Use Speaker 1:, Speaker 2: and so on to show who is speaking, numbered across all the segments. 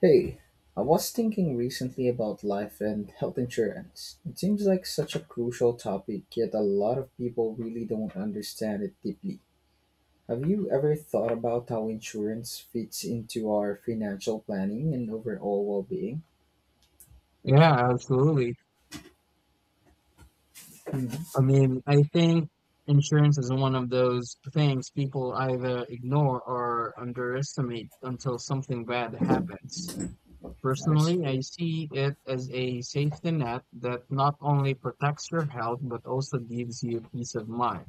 Speaker 1: Hey, I was thinking recently about life and health insurance. It seems like such a crucial topic, yet a lot of people really don't understand it deeply. Have you ever thought about how insurance fits into our financial planning and overall well being?
Speaker 2: Yeah, absolutely.
Speaker 1: That
Speaker 2: I think insurance is one of those things people either ignore or underestimate until something bad happens.
Speaker 1: is
Speaker 2: Personally,
Speaker 1: true.
Speaker 2: I see it as a safety net that not only protects your health but also gives you peace of mind.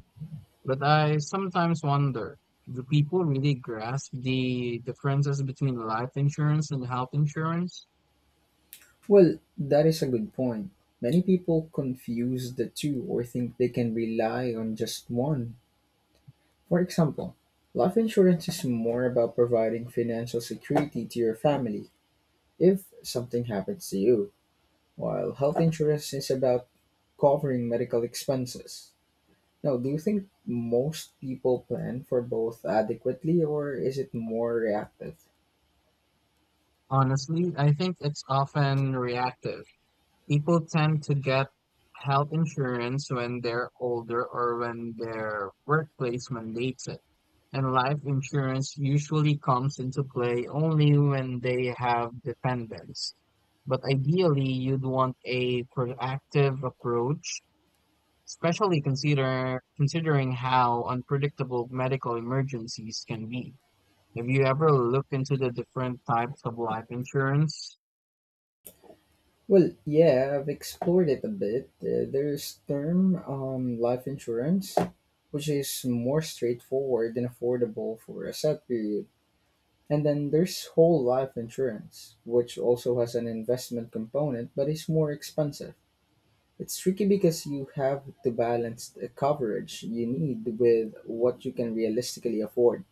Speaker 2: But I sometimes wonder, do people really grasp the differences between life insurance and health insurance?
Speaker 1: Well, that is a good point. Many people confuse the two or think they can rely on just one. For example, life insurance is more about providing financial security to your family if something happens to you, while health insurance is about covering medical expenses. Now, do you think most people plan for both adequately, or is it more reactive?
Speaker 2: Honestly, I think it's often reactive. People tend to get health insurance when they're older or when their workplace mandates it. And life insurance usually comes into play only when they have dependents. But ideally, you'd want a proactive approach, especially considering how unpredictable medical emergencies can be. Have you ever looked into the different types of life insurance?
Speaker 1: Well, yeah, I've explored it a bit. There's term life insurance, which is more straightforward and affordable for a set period. And then there's whole life insurance, which also has an investment component but is more expensive. It's tricky because you have to balance the coverage you need with what you can realistically afford.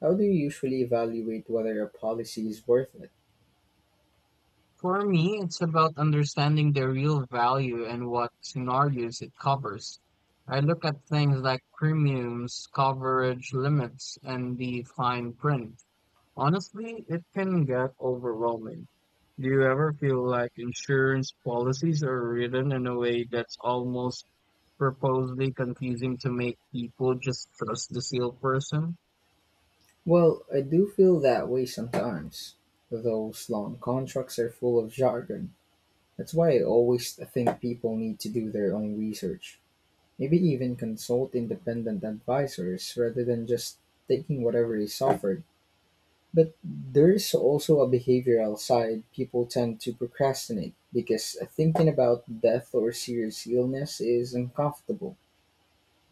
Speaker 1: How do you usually evaluate whether a policy is worth it?
Speaker 2: For me, it's about understanding their real value and what scenarios it covers. I look at things like premiums, coverage limits, and the fine print. Honestly, it can get overwhelming. Do you ever feel like insurance policies are written in a way that's almost purposely confusing to make people just trust the seal person?
Speaker 1: Well, I do feel that way sometimes. Those long contracts are full of jargon. That's why I always think people need to do their own research. Maybe even consult independent advisors rather than just taking whatever is offered. But there's also a behavioral side. People tend to procrastinate because thinking about death or serious illness is uncomfortable.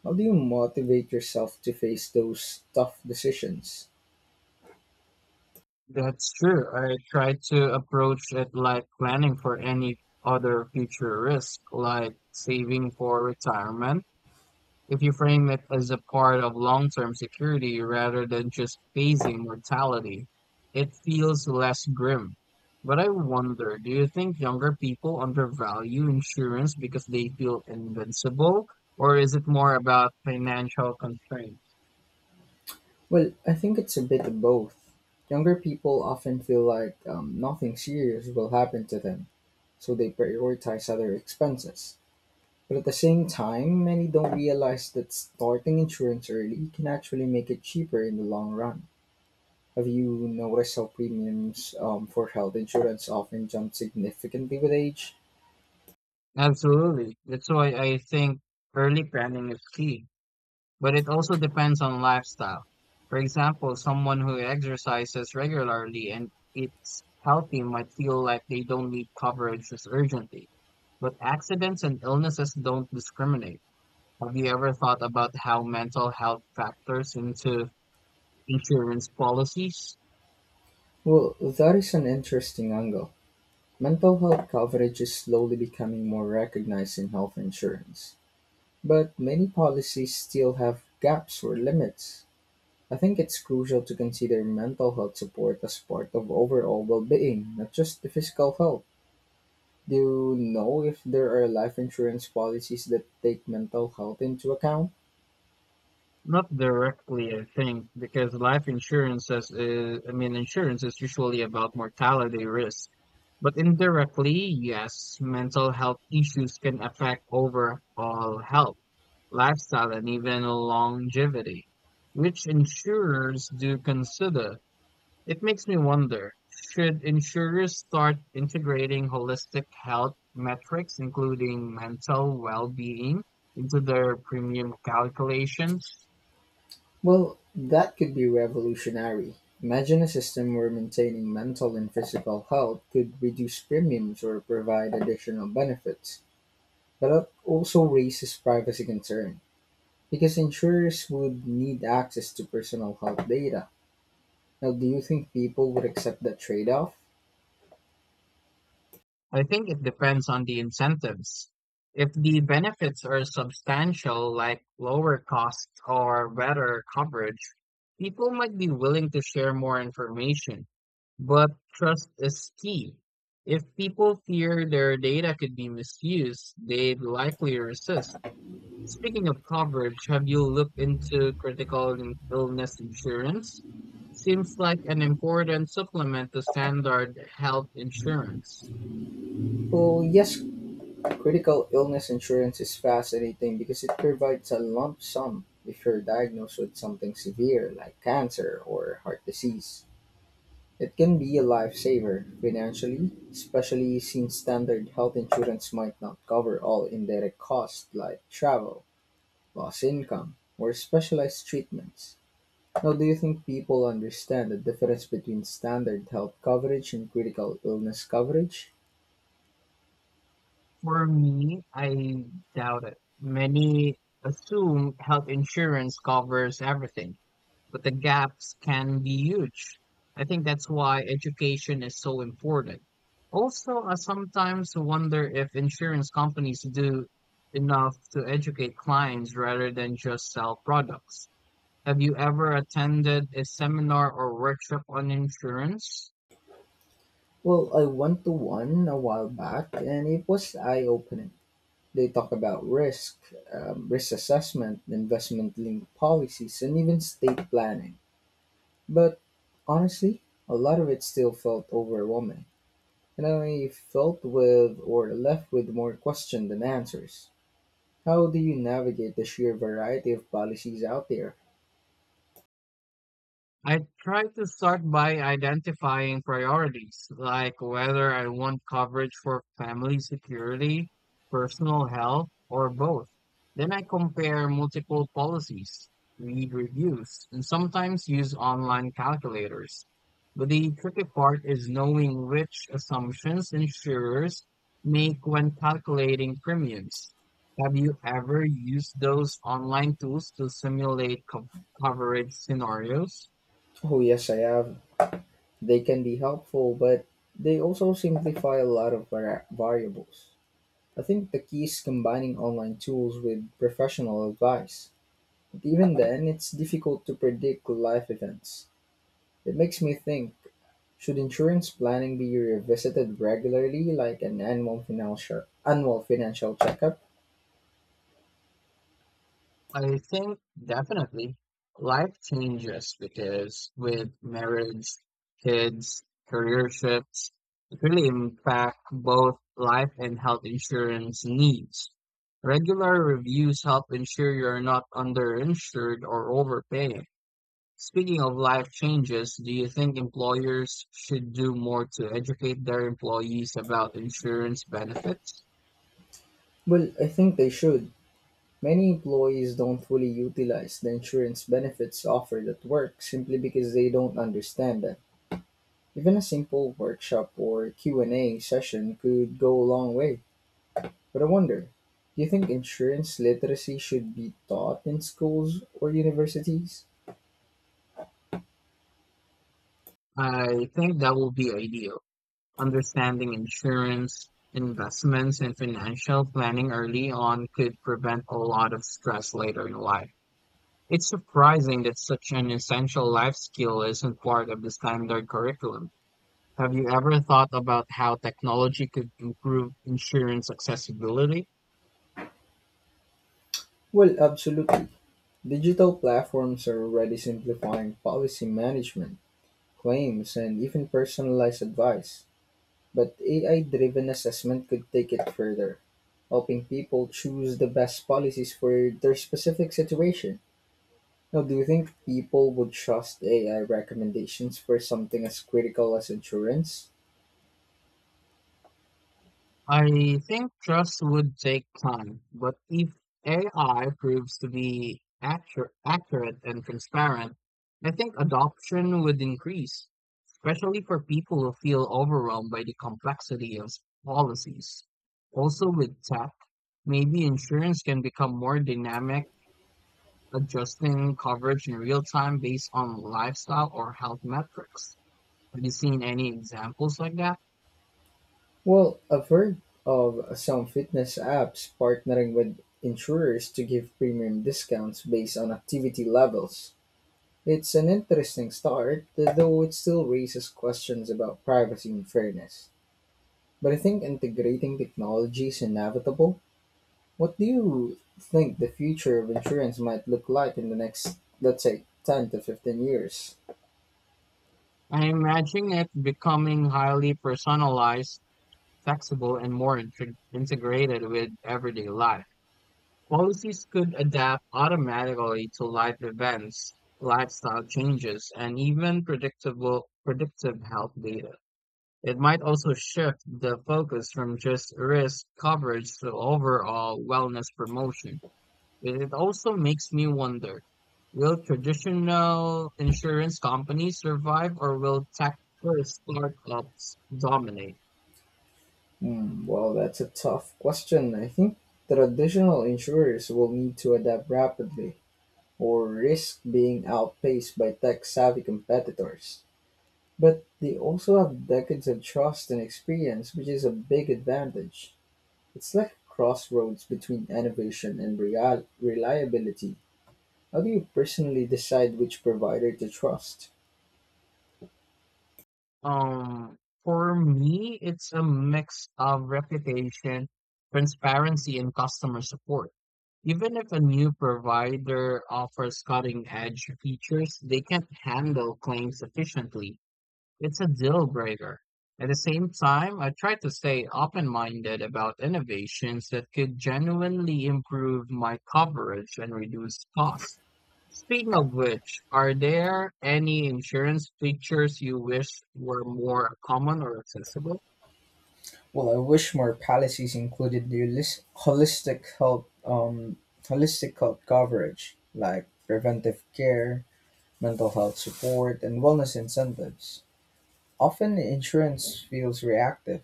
Speaker 1: How do you motivate yourself to face those tough decisions?
Speaker 2: That's true. I try to approach it like planning for any other future risk, like saving for retirement. If you frame it as a part of long-term security rather than just phasing mortality, it feels less grim. But I wonder, do you think younger people undervalue insurance because they feel invincible, or is it more about financial constraints?
Speaker 1: Well, I think it's a bit of both. Younger people often feel like nothing serious will happen to them, so they prioritize other expenses. But at the same time, many don't realize that starting insurance early can actually make it cheaper in the long run. Have you noticed how premiums for health insurance often jump significantly with age?
Speaker 2: Absolutely. That's why I think early planning is key. But it also depends on lifestyle. For example, someone who exercises regularly and eats healthy might feel like they don't need coverage as urgently. But accidents and illnesses don't discriminate. Have you ever thought about how mental health factors into insurance policies?
Speaker 1: Well, that is an interesting angle. Mental health coverage is slowly becoming more recognized in health insurance, but many policies still have gaps or limits. I think it's crucial to consider mental health support as part of overall well being, not just the physical health. Do you know if there are life insurance policies that take mental health into account?
Speaker 2: Not directly, I think, because life insurance is, insurance is usually about mortality risk. But indirectly, yes, mental health issues can affect overall health, lifestyle, and even longevity, which insurers do consider. It makes me wonder, should insurers start integrating holistic health metrics, including mental well-being, into their premium calculations?
Speaker 1: Well, that could be revolutionary. Imagine a system where maintaining mental and physical health could reduce premiums or provide additional benefits. But it also raises privacy concern because insurers would need access to personal health data. Now, do you think people would accept that trade off?
Speaker 2: I think it depends on the incentives. If the benefits are substantial, like lower costs or better coverage, people might be willing to share more information. But trust is key. If people fear their data could be misused, they'd likely resist. Speaking of coverage, have you looked into critical illness insurance? Seems like an important supplement to standard health insurance.
Speaker 1: Well, yes, critical illness insurance is fascinating because it provides a lump sum if you're diagnosed with something severe like cancer or heart disease. It can be a lifesaver financially, especially since standard health insurance might not cover all indirect costs like travel, lost income, or specialized treatments. Now, do you think people understand the difference between standard health coverage and critical illness coverage?
Speaker 2: For me, I doubt it. Many assume health insurance covers everything, but the gaps can be huge. I think that's why education is so important. Also, I sometimes wonder if insurance companies do enough to educate clients rather than just sell products. Have you ever attended a seminar or workshop on insurance?
Speaker 1: Well, I went to one a while back and it was eye opening. They talk about risk assessment, investment linked policies, and even state planning. But honestly, a lot of it still felt overwhelming, and I felt with or left with more questions than answers. How do you navigate the sheer variety of policies out there?
Speaker 2: I try to start by identifying priorities, like whether I want coverage for family security, personal health, or both. Then I compare multiple policies, read reviews, and sometimes use online calculators. But the tricky part is knowing which assumptions insurers make when calculating premiums. Have you ever used those online tools to simulate coverage scenarios?
Speaker 1: Oh, yes, I have. They can be helpful, but they also simplify a lot of variables. I think the key is combining online tools with professional advice. But even then, it's difficult to predict life events. It makes me think, should insurance planning be revisited regularly like an annual financial checkup?
Speaker 2: I think definitely life changes, because with marriage, kids, career shifts, it really impact both life and health insurance needs. Regular reviews help ensure you're not underinsured or overpaying. Speaking of life changes, do you think employers should do more to educate their employees about insurance benefits?
Speaker 1: Well, I think they should. Many employees don't fully utilize the insurance benefits offered at work simply because they don't understand them. Even a simple workshop or Q&A session could go a long way. But I wonder, do you think insurance literacy should be taught in schools or universities?
Speaker 2: I think that will be ideal. Understanding insurance, investments, and financial planning early on could prevent a lot of stress later in life. It's surprising that such an essential life skill isn't part of the standard curriculum. Have you ever thought about how technology could improve insurance accessibility?
Speaker 1: Well, absolutely. Digital platforms are already simplifying policy management, claims, and even personalized advice. But AI driven assessment could take it further, helping people choose the best policies for their specific situation. Now, do you think people would trust AI recommendations for something as critical as insurance?
Speaker 2: I think trust would take time, but if AI proves to be accurate and transparent, I think adoption would increase, especially for people who feel overwhelmed by the complexity of policies. Also, with tech, maybe insurance can become more dynamic, adjusting coverage in real time based on lifestyle or health metrics. Have you seen any examples like that?
Speaker 1: Well, I've heard of some fitness apps partnering with insurers to give premium discounts based on activity levels. It's an interesting start, though it still raises questions about privacy and fairness. But I think integrating technology is inevitable. What do you think the future of insurance might look like in the next, let's say, 10 to 15 years?
Speaker 2: I imagine it becoming highly personalized, flexible, and more integrated with everyday life. Policies could adapt automatically to life events, lifestyle changes, and even predictable predictive health data. It might also shift the focus from just risk coverage to overall wellness promotion. It also makes me wonder, will traditional insurance companies survive, or will tech first startups dominate?
Speaker 1: Hmm, well, that's a tough question. I think traditional insurers will need to adapt rapidly or risk being outpaced by tech savvy competitors. But they also have decades of trust and experience which is a big advantage. It's like a crossroads between innovation and reliability. How do you personally decide which provider to trust?
Speaker 2: Um, for me, it's a mix of reputation, transparency, and customer support. Even if a new provider offers cutting edge features, they can't handle claims efficiently. It's a deal breaker. At the same time, I try to stay open-minded about innovations that could genuinely improve my coverage and reduce costs. Speaking of which, are there any insurance features you wish were more common or accessible?
Speaker 1: Well, I wish more policies included the holistic health coverage, like preventive care, mental health support, and wellness incentives. Often, insurance feels reactive,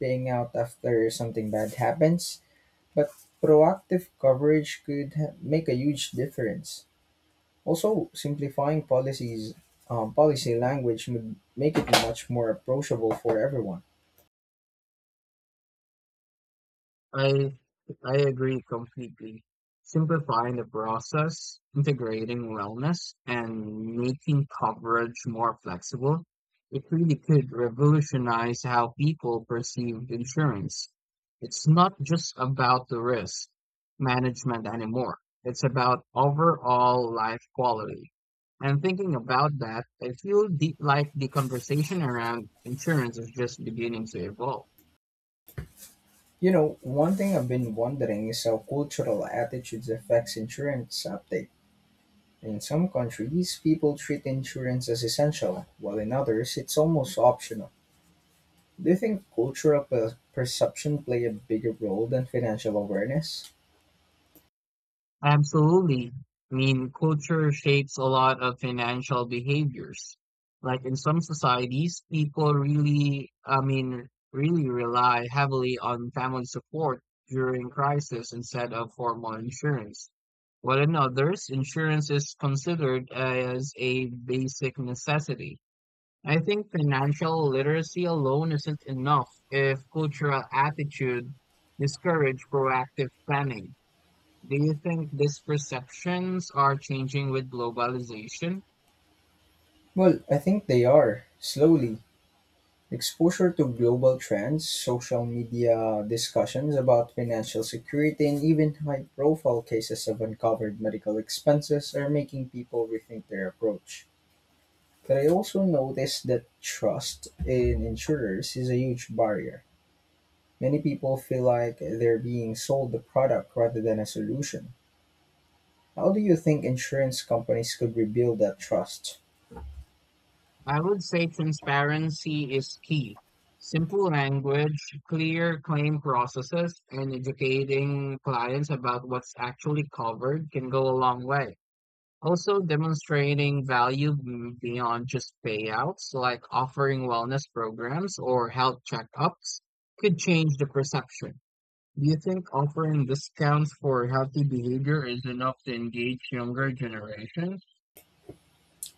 Speaker 1: paying out after something bad happens. But proactive coverage could make a huge difference. Also, simplifying policy language would make it much more approachable for everyone.
Speaker 2: I I agree completely. Simplifying the process, integrating wellness, and making coverage more flexible, it really could revolutionize how people perceive insurance. It's not just about the risk management anymore. It's about overall life quality. And thinking about that, I feel the conversation around insurance is just beginning to evolve.
Speaker 1: You know, one thing I've been wondering is how cultural attitudes affects insurance uptake. In some countries, people treat insurance as essential, while in others, it's almost optional. Do you think perception play a bigger role than financial awareness?
Speaker 2: Absolutely. Culture shapes a lot of financial behaviors. Like in some societies, people really rely heavily on family support during crisis instead of formal insurance. While in others, insurance is considered as a basic necessity. I think financial literacy alone isn't enough if cultural attitude discourage proactive planning. Do you think these perceptions are changing with globalization?
Speaker 1: Well, I think they are, slowly. Exposure to global trends, social media discussions about financial security, and even high profile cases of uncovered medical expenses are making people rethink their approach. But I also noticed that trust in insurers is a huge barrier. Many people feel like they're being sold a product rather than a solution. How do you think insurance companies could rebuild that trust?
Speaker 2: I would say transparency is key. Simple language, clear claim processes, and educating clients about what's actually covered can go a long way. Also, demonstrating value beyond just payouts, like offering wellness programs or health checkups, could change the perception. Do you think offering discounts for healthy behavior is enough to engage younger generations?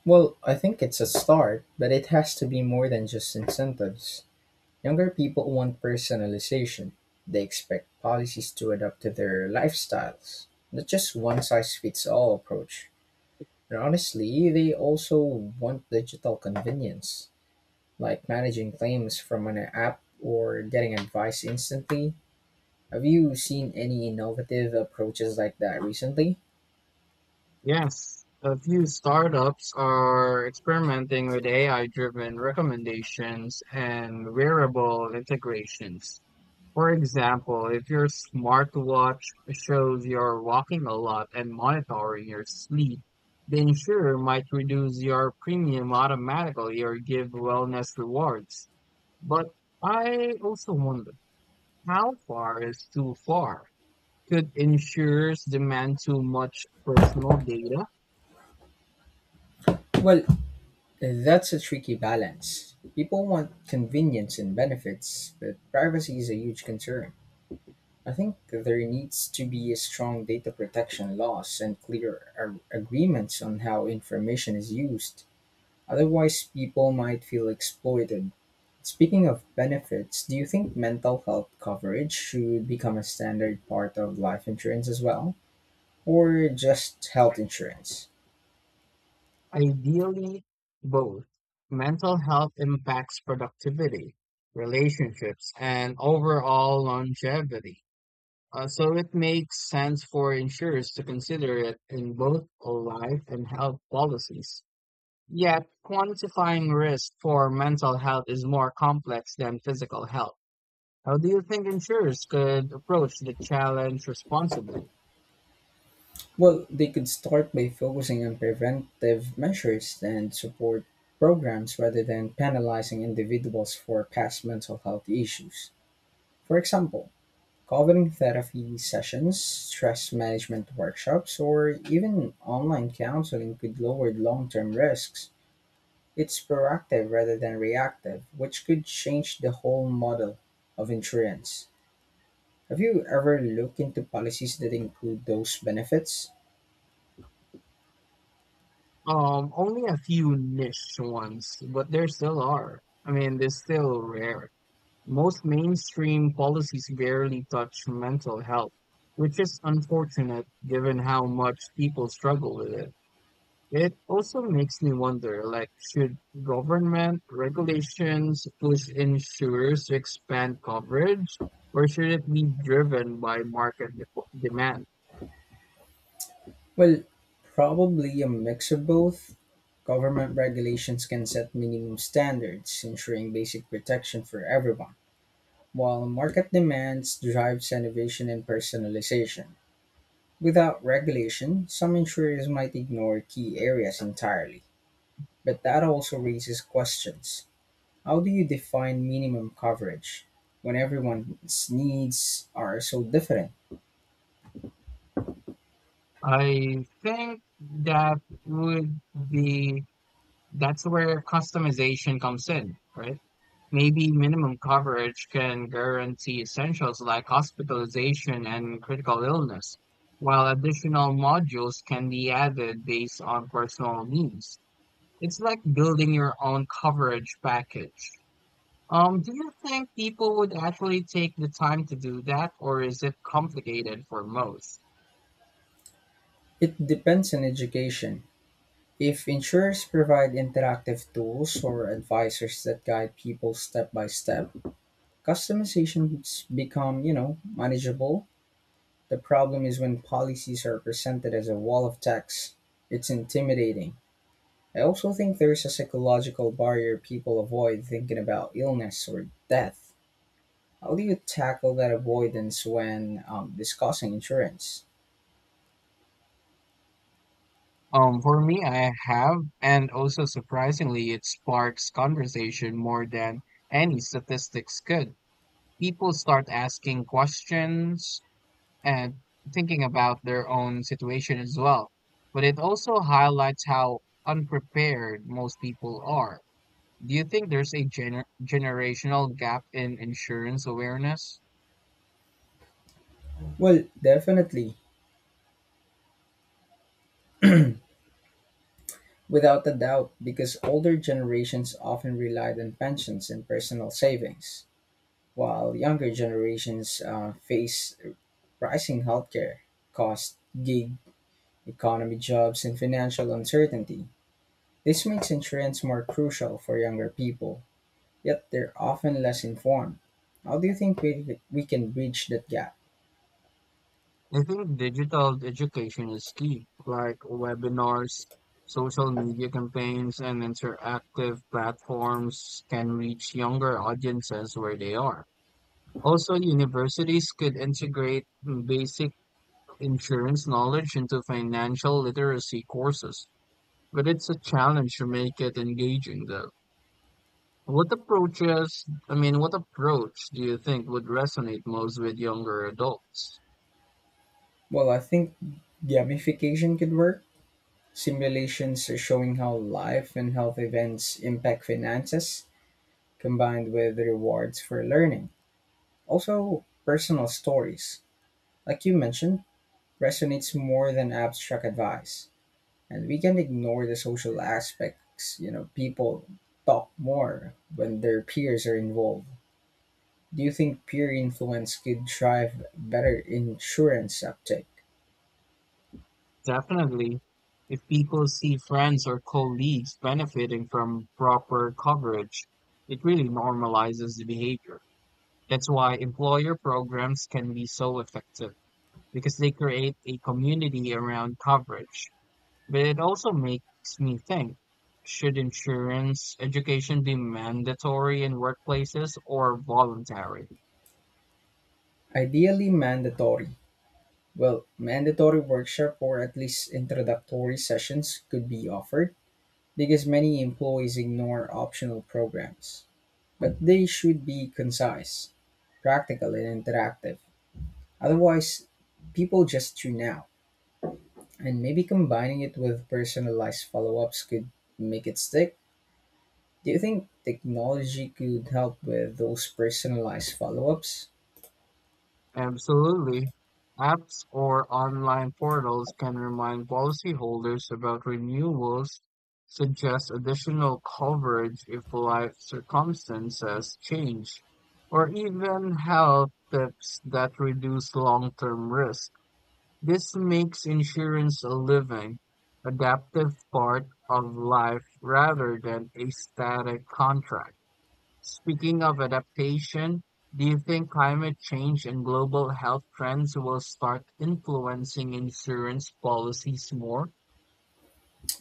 Speaker 1: Well, I think it's a start, but it has to be more than just incentives. Younger people want personalization. They expect policies to adapt to their lifestyles, not just one size fits all approach. And honestly, they also want digital convenience, like managing claims from an app or getting advice instantly. Have you seen any innovative approaches like that recently?
Speaker 2: Yes, a few startups are experimenting with AI-driven recommendations and wearable integrations. For example, if your smartwatch shows you're walking a lot and monitoring your sleep, the insurer might reduce your premium automatically or give wellness rewards. But I also wonder, how far is too far? Could insurers demand too much personal data?
Speaker 1: Well, that's a tricky balance. People want convenience and benefits, but privacy is a huge concern. I think there needs to be a strong data protection laws and clear agreements on how information is used. Otherwise, people might feel exploited. Speaking of benefits, do you think mental health coverage should become a standard part of life insurance as well? Or just health insurance?
Speaker 2: Ideally, both. Mental health impacts productivity, relationships, and overall longevity. So it makes sense for insurers to consider it in both life and health policies. Yet, quantifying risk for mental health is more complex than physical health. How do you think insurers could approach the challenge responsibly?
Speaker 1: Well, they could start by focusing on preventive measures and support programs rather than penalizing individuals for past mental health issues. For example, covering therapy sessions, stress management workshops, or even online counseling could lower long term risks. It's proactive rather than reactive, which could change the whole model of insurance. Have you ever looked into policies that include those benefits?
Speaker 2: Only a few niche ones, but there still are. They're still rare. Most mainstream policies barely touch mental health, which is unfortunate given how much people struggle with it. It also makes me wonder, like, should government regulations push insurers to expand coverage, or should it be driven by market demand?
Speaker 1: Well, probably a mix of both. Government regulations can set minimum standards, ensuring basic protection for everyone, while market demands drives innovation and personalization. Without regulation, some insurers might ignore key areas entirely, but that also raises questions. How do you define minimum coverage when everyone's needs are so different?
Speaker 2: I think that would be That's where customization comes in, right? Maybe minimum coverage can guarantee essentials like hospitalization and critical illness, while additional modules can be added based on personal needs. It's like building your own coverage package. Do you think people would actually take the time to do that, or is it complicated for most?
Speaker 1: It depends on education. If insurers provide interactive tools or advisors that guide people step by step, customizations become, you know, manageable. The problem is when policies are presented as a wall of text. It's intimidating. I also think there's a psychological barrier people avoid thinking about illness or death. How do you tackle that avoidance when discussing insurance?
Speaker 2: For me, I have, and also surprisingly, it sparks conversation more than any statistics could. People start asking questions and thinking about their own situation as well. But it also highlights how unprepared most people are. Do you think there's a generational gap in insurance awareness?
Speaker 1: Well, definitely, without a doubt, because older generations often relied on pensions and personal savings, while younger generations face rising healthcare costs, gig economy jobs, and financial uncertainty. This makes insurance more crucial for younger people yet they're often less informed. How do you think we can bridge that gap?
Speaker 2: I think digital education is key, like webinars, social media campaigns, and interactive platforms can reach younger audiences where they are. Also, universities could integrate basic insurance knowledge into financial literacy courses, but it's a challenge to make it engaging though. What approaches, what approach do you think would resonate most with younger adults?
Speaker 1: Well, I think gamification could work. Simulations are showing how life and health events impact finances, combined with rewards for learning. Also, personal stories, like you mentioned, resonates more than abstract advice. And we can ignore the social aspects, you know, people talk more when their peers are involved. Do you think peer influence could drive better insurance uptake?
Speaker 2: Definitely, if people see friends or colleagues benefiting from proper coverage, it really normalizes the behavior. That's why employer programs can be so effective, because they create a community around coverage. But it also makes me think, should insurance education be mandatory in workplaces or voluntary?
Speaker 1: Ideally, mandatory. Well, mandatory workshop or at least introductory sessions could be offered because many employees ignore optional programs. But they should be concise, practical, and interactive. Otherwise, people just tune out. And maybe combining it with personalized follow ups could make it stick. Do you think technology could help with those personalized follow ups?
Speaker 2: Absolutely. Apps or online portals can remind policyholders about renewals, suggest additional coverage if life circumstances change, or even health tips that reduce long-term risk. This makes insurance a living, adaptive part of life rather than a static contract. Speaking of adaptation, do you think climate change and global health trends will start influencing insurance policies more?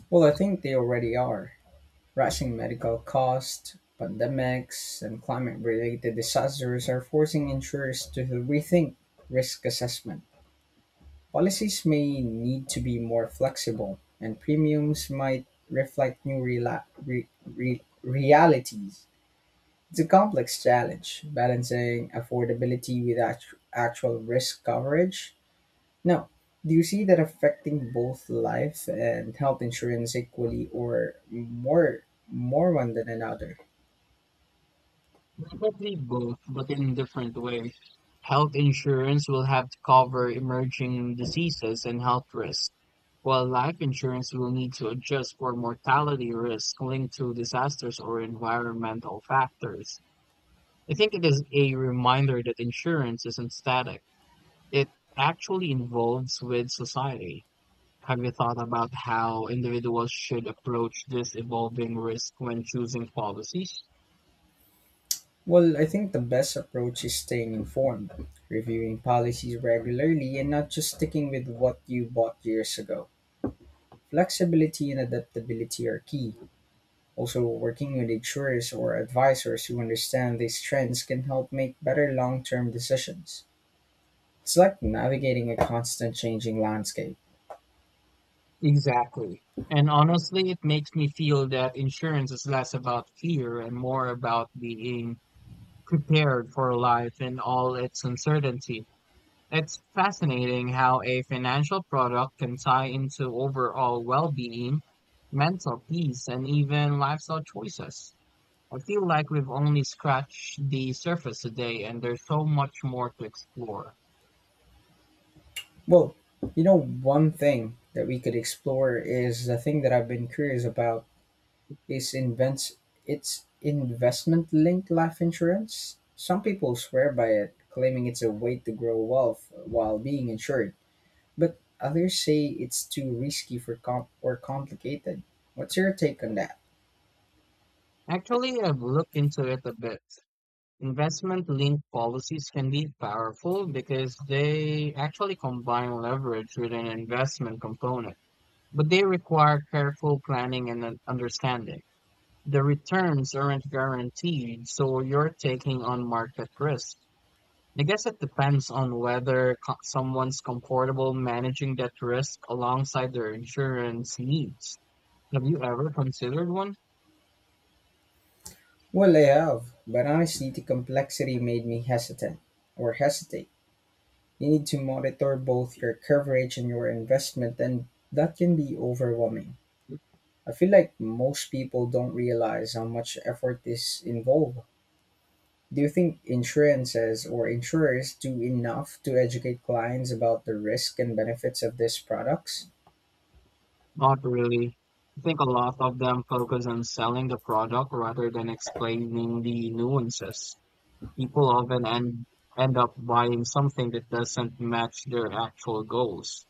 Speaker 1: Well, I think they already are. Rising medical costs, pandemics, and climate related disasters are forcing insurers to rethink risk assessment. Policies may need to be more flexible, and premiums might reflect new re- realities. It's a complex challenge, balancing affordability with actual risk coverage. Now, do you see that affecting both life and health insurance equally, or more one than another?
Speaker 2: Probably both, but in different ways. Health insurance will have to cover emerging diseases and health risks, while life insurance will need to adjust for mortality risks linked to disasters or environmental factors. I think it is a reminder that insurance isn't static. It actually involves with society. Have you thought about how individuals should approach this evolving risk when choosing policies?
Speaker 1: Well, I think the best approach is staying informed, reviewing policies regularly and not just sticking with what you bought years ago. Flexibility and adaptability are key. Also, working with insurers or advisors who understand these trends can help make better long-term decisions. It's like navigating a constant changing landscape.
Speaker 2: Exactly. And honestly, it makes me feel that insurance is less about fear and more about being prepared for life in all its uncertainty. It's fascinating how a financial product can tie into overall well being, mental peace, and even lifestyle choices. I feel like we've only scratched the surface today, and there's so much more to explore.
Speaker 1: Well, you know, one thing that we could explore is the thing that I've been curious about is invents it's investment linked life insurance. Some people swear by it, claiming it's a way to grow wealth while being insured, but others say it's too risky for or complicated. What's your take on that?
Speaker 2: Actually, I've looked into it a bit. Investment linked policies can be powerful because they actually combine leverage with an investment component, but they require careful planning and an understanding. The returns aren't guaranteed, so you're taking on market risk. I guess it depends on whether someone's comfortable managing that risk alongside their insurance needs. Have you ever considered one?
Speaker 1: Well, I have, but honestly, the complexity made me hesitant or hesitate. You need to monitor both your coverage and your investment, and that can be overwhelming. I feel like most people don't realize how much effort is involved. Do you think insurances or insurers do enough to educate clients about the risk and benefits of these products?
Speaker 2: Not really. I think a lot of them focus on selling the product rather than explaining the nuances. People end up buying something that doesn't match their actual goals.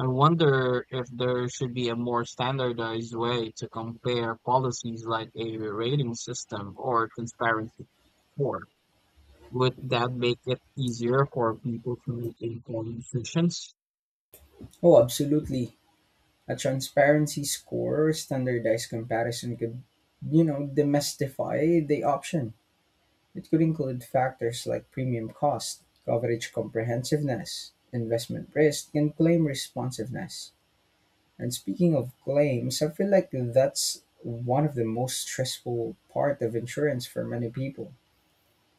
Speaker 2: I wonder if there should be a more standardized way to compare policies, like a rating system or transparency score. Would that make it easier for people to make informed decisions?
Speaker 1: Oh, absolutely. A transparency score or standardized comparison could, you know, demystify the option. It could include factors like premium cost, coverage comprehensiveness, investment risk, and claim responsiveness. And speaking of claims, I feel like that's one of the most stressful part of insurance for many people.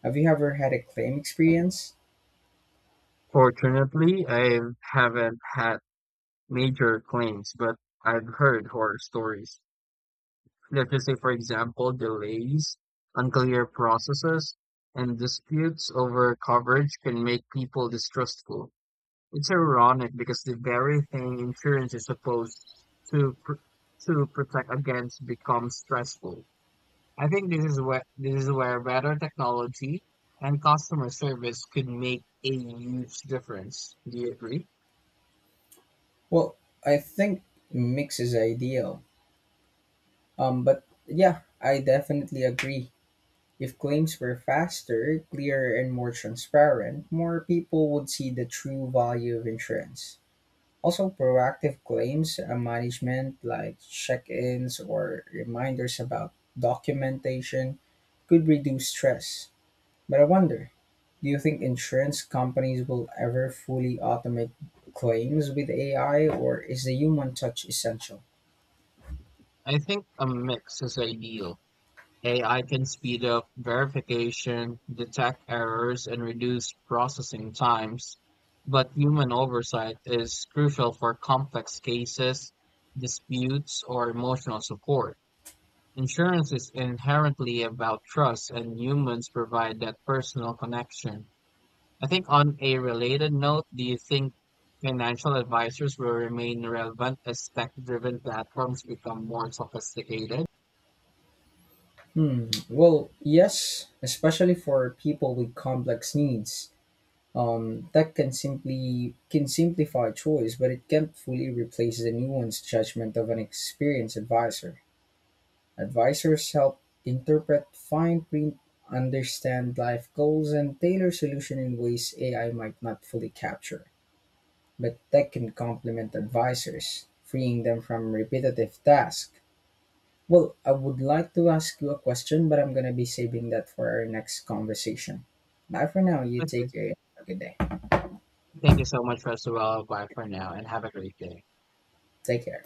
Speaker 1: Have you ever had a claim experience?
Speaker 2: Fortunately, I haven't had major claims, but I've heard horror stories. Let's just say, for example, delays, unclear processes, and disputes over coverage can make people distrustful. It's ironic because the very thing insurance is supposed to pr to protect against becomes stressful. I think this is where This is where better technology and customer service could make a huge difference. Do you agree?
Speaker 1: Well, I think mix is ideal. But yeah, I definitely agree. If claims were faster, clearer, and more transparent, more people would see the true value of insurance. Also, proactive claims management, like check ins or reminders about documentation, could reduce stress. But I wonder, do you think insurance companies will ever fully automate claims with AI, or is the human touch essential?
Speaker 2: I think a mix is ideal. AI can speed up verification, detect errors, and reduce processing times, but human oversight is crucial for complex cases, disputes, or emotional support. Insurance is inherently about trust, and humans provide that personal connection. I think, on a related note, do you think financial advisors will remain relevant as tech driven platforms become more sophisticated?
Speaker 1: Hmm. Well, yes, especially for people with complex needs. That can simplify choice, but it can't fully replace the nuanced judgment of an experienced advisor. Advisors help interpret fine print, understand life goals, and tailor solutions in ways AI might not fully capture. But tech can complement advisors, freeing them from repetitive tasks. Well, I would like to ask you a question, but I'm going to be saving that for our next conversation. Bye for now. You take care. Have a good day.
Speaker 2: Thank you so much, first of all. Bye for now, and have a great day.
Speaker 1: Take care.